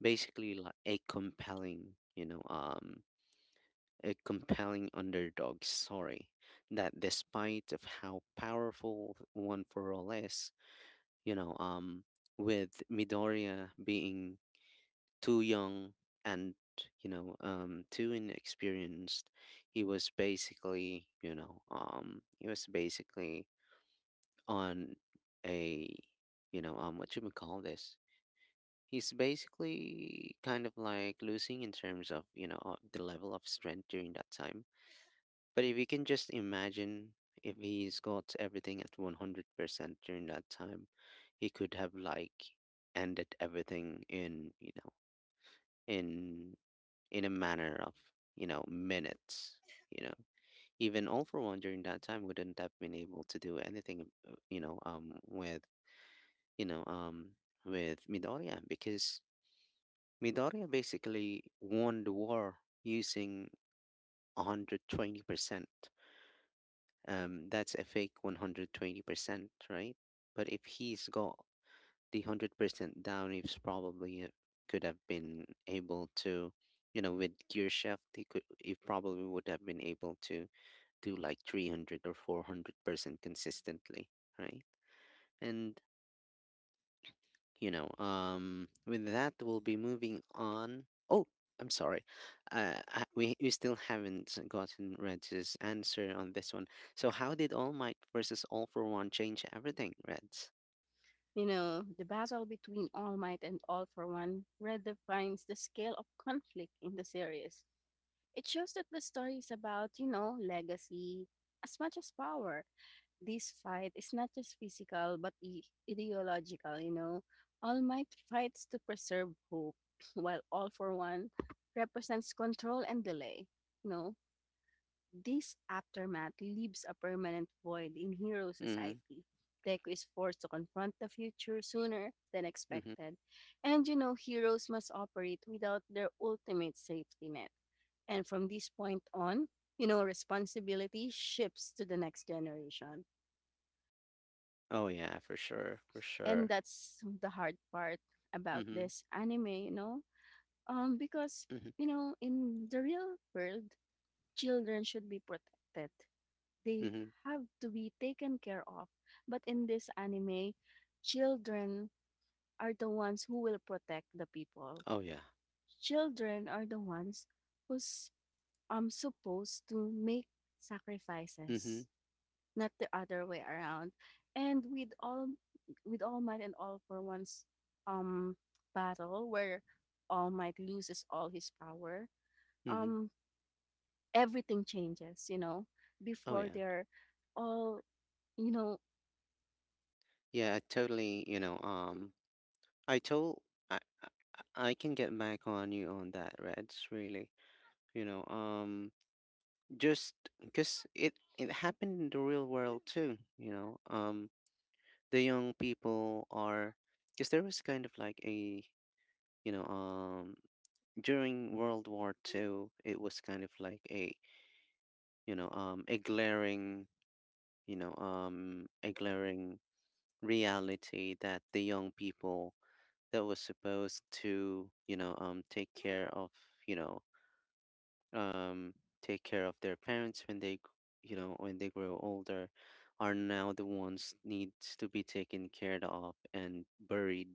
Speaker 1: basically like a compelling, a compelling underdog story, that despite of how powerful One for All is, you know um with Midoriya being too young and too inexperienced, he was basically on a what you would call this, he's basically kind of like losing in terms of, the level of strength during that time. But if you can just imagine, if he's got everything at 100% during that time, he could have like ended everything in, in in a manner of, minutes, you know. Even All for One during that time wouldn't have been able to do anything, with, you know, um with Midoriya, because Midoriya basically won the war using 120%. That's a fake 120%, right? But if he's got the 100% down, he's probably could have been able to, with gear shift, he probably would have been able to do like 300 or 400% consistently, right? And with that we'll be moving on. Oh, I'm sorry, we still haven't gotten Red's answer on this one. So, how did All Might versus All for One change everything, Reds?
Speaker 2: You know, the battle between All Might and All for One redefines the scale of conflict in the series. It shows that the story is about, you know, legacy as much as power. This fight is not just physical but ideological, you know. All Might fights to preserve hope, while All for One represents control and delay. You know, this aftermath leaves a permanent void in hero
Speaker 1: Mm-hmm.
Speaker 2: society. Deku is forced to confront the future sooner than
Speaker 1: Mm-hmm.
Speaker 2: expected. And you know, heroes must operate without their ultimate safety net. And from this point on, you know, responsibility shifts to the next generation.
Speaker 1: Oh yeah, for sure, for
Speaker 2: And
Speaker 1: sure.
Speaker 2: that's the hard part about
Speaker 1: Mm-hmm.
Speaker 2: this anime, um, because,
Speaker 1: Mm-hmm.
Speaker 2: you know, in the real world, children should be protected, they
Speaker 1: Mm-hmm.
Speaker 2: have to be taken care of. But in this anime, children are the ones who will protect the people.
Speaker 1: Oh yeah.
Speaker 2: Children are the ones who's supposed to make
Speaker 1: Mm-hmm.
Speaker 2: sacrifices, not the other way around. And with All Might and All for One's um battle where All Might loses all his power,
Speaker 1: Mm-hmm.
Speaker 2: um everything changes, you know.
Speaker 1: Oh
Speaker 2: Before
Speaker 1: yeah.
Speaker 2: they're all you know,
Speaker 1: Yeah, I totally I told I I I can get back on you on that, Reds, really, you know um just because it happened in the real world too, the young people are, because there was kind of like a you know um during World War Two, it was kind of like a you know a glaring you know a glaring reality that the young people that was supposed to, take care of, you know um, take care of their parents when they, when they grow older, are now the ones needs to be taken care of and buried,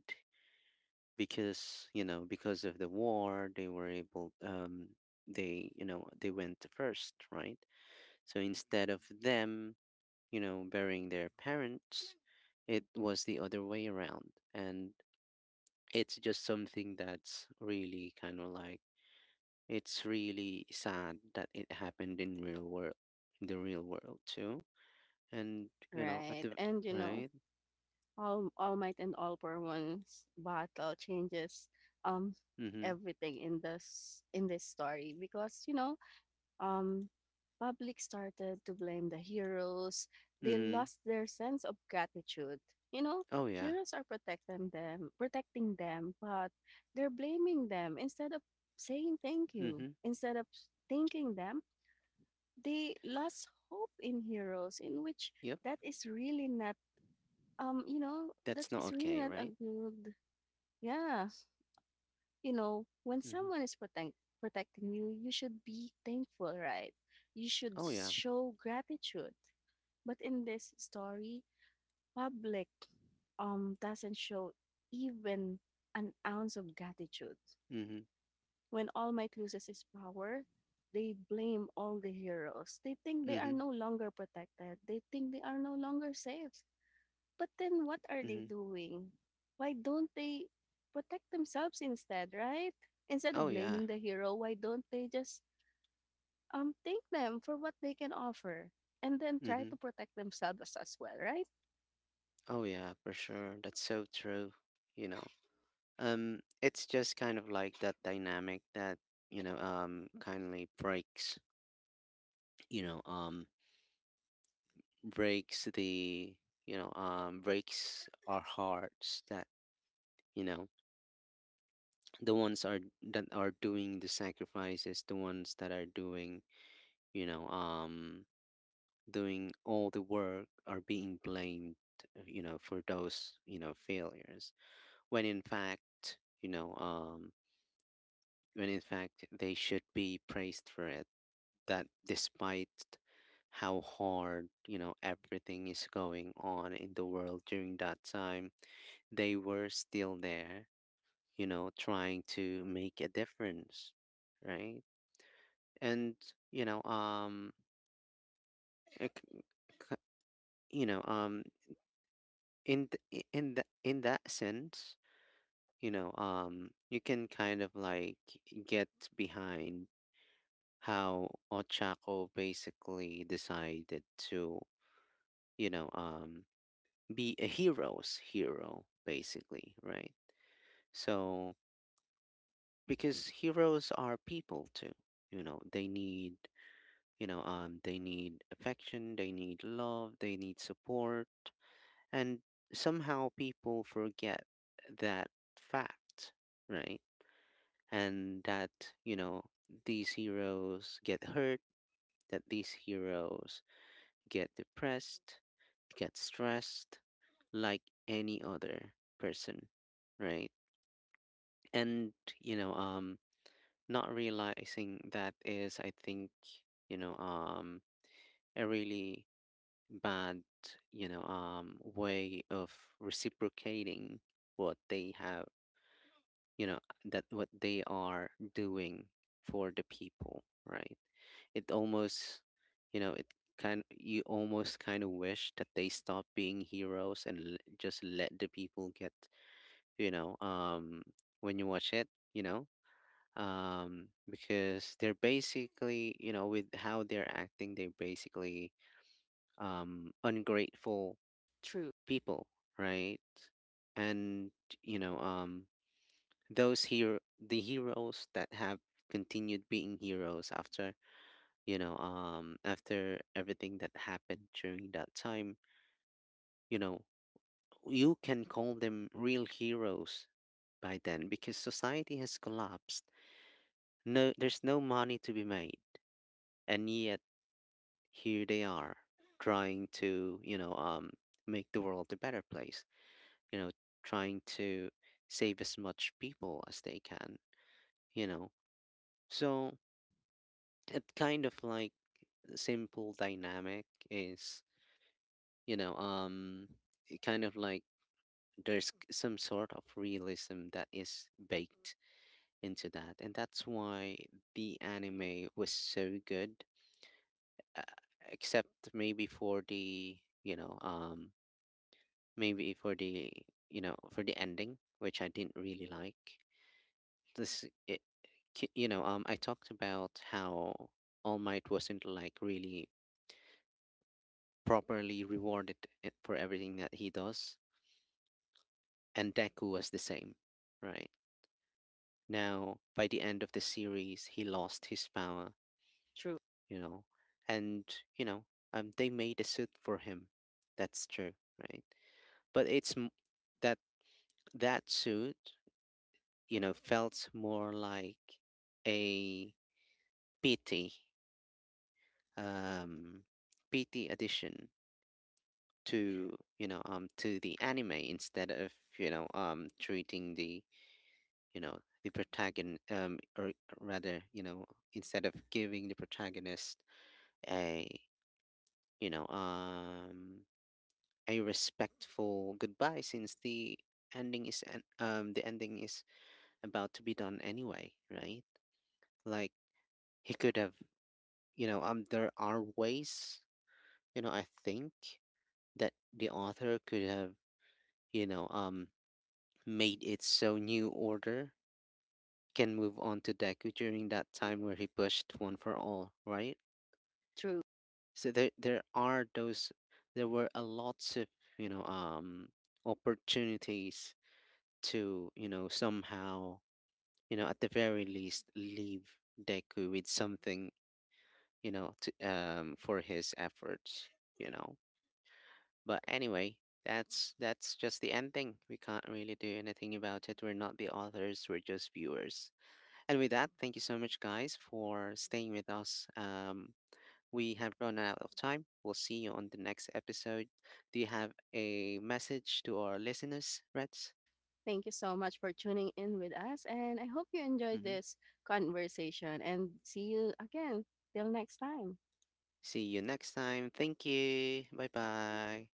Speaker 1: because because of the war they were able, they you know they went first, right? So instead of them, burying their parents, it was the other way around, and it's just something that's really kind of like, it's really sad that it happened in real world, the real world too. And you know, at
Speaker 2: right.
Speaker 1: the
Speaker 2: And you know,
Speaker 1: right.
Speaker 2: All Might and All for One's battle changes um
Speaker 1: Mm-hmm.
Speaker 2: everything in this story because um, public started to blame the heroes. They
Speaker 1: Mm-hmm.
Speaker 2: lost their sense of gratitude. You know,
Speaker 1: Oh yeah.
Speaker 2: heroes are protecting them, but they're blaming them instead of saying thank you.
Speaker 1: Mm-hmm.
Speaker 2: Instead of thanking them, they lost hope in heroes, in which
Speaker 1: Yep.
Speaker 2: that is really not you know, that
Speaker 1: That's not
Speaker 2: is really
Speaker 1: okay,
Speaker 2: not a
Speaker 1: right?
Speaker 2: good. Yeah, you know, when
Speaker 1: Mm-hmm.
Speaker 2: someone is protecting you, you should be thankful, right? You should
Speaker 1: Oh yeah.
Speaker 2: show gratitude. But in this story, public doesn't show even an ounce of gratitude.
Speaker 1: Mm-hmm.
Speaker 2: When All Might loses his power, they blame all the heroes. They think they are
Speaker 1: Mm-hmm.
Speaker 2: no longer protected. They think they are no longer safe. But then what are they
Speaker 1: Mm-hmm.
Speaker 2: doing? Why don't they protect themselves instead, right? Instead of
Speaker 1: Oh yeah.
Speaker 2: blaming the hero, why don't they just thank them for what they can offer and then try
Speaker 1: Mm-hmm.
Speaker 2: to protect themselves as well, right?
Speaker 1: Oh yeah, for sure. That's so true. You know, it's just kind of like that dynamic that, kindly breaks. You know, um, breaks the, breaks our hearts, that you know the ones are that are doing the sacrifices, the ones that are doing, you know um doing all the work are being blamed, for those failures, when in fact, when in fact they should be praised for it, that despite how hard everything is going on in the world during that time, they were still there, you know, trying to make a difference, right? And you know, um, it c- c- you know, um, in in the, in that sense, you can kind of like get behind how Ochako basically decided to, you know, um, be a hero's hero, basically, right? So, because heroes are people too, you know, they need, they need affection, they need love, they need support. And somehow people forget that fact, right? And that, you know, these heroes get hurt, that these heroes get depressed, get stressed like any other person, right? And, you know, um, not realizing that is, I think, you know, um, a really bad, way of reciprocating what they have, you know, that what they are doing for the people, right? It almost, it kind you almost kind of wish that they stop being heroes and just let the people get, you know, um, when you watch it, you know, because they're basically, with how they're acting, they're basically ungrateful
Speaker 2: True,
Speaker 1: people, right? And you know, um, those the heroes that have continued being heroes after, after everything that happened during that time, you know, you can call them real heroes by then, because society has collapsed. No, there's no money to be made, and yet here they are trying to, make the world a better place, you know, trying to save as much people as they can, you know. So, it kind of like simple dynamic is, you know, um, it kind of like there's some sort of realism that is baked into that, and that's why the anime was so good, uh, except maybe for the, you know, um, maybe for the, for the ending, which I didn't really like. this it, I talked about how All Might wasn't like really properly rewarded, for everything that he does, and Deku was the same, right? Now, by the end of the series, he lost his power,
Speaker 2: true.
Speaker 1: you know. And they made a suit for him, that's true, right? But it's that that suit felt more like a pity, um pity addition to, to the anime, instead of treating the, you know the protagonist, or rather, instead of giving the protagonist a you know um a respectful goodbye, since the ending is the ending is about to be done anyway, right? Like, he could have, there are ways, I think that the author could have, you know um made it so New Order can move on to Deku during that time where he pushed One for All, right?
Speaker 2: True.
Speaker 1: So, there are those there were a lots of, you know, um opportunities to, somehow, at the very least, leave Deku with something, to, for his efforts, you know. But anyway, that's just the ending. We can't really do anything about it. We're not the authors, we're just viewers. And with that, thank you so much, guys, for staying with us. We have run out of time. We'll see you on the next episode. Do you have a message to our listeners, Reds?
Speaker 2: Thank you so much for tuning in with us, and I hope you enjoyed
Speaker 1: Hmm.
Speaker 2: this conversation, and see you again till next time.
Speaker 1: See you next time. Thank you. Bye bye.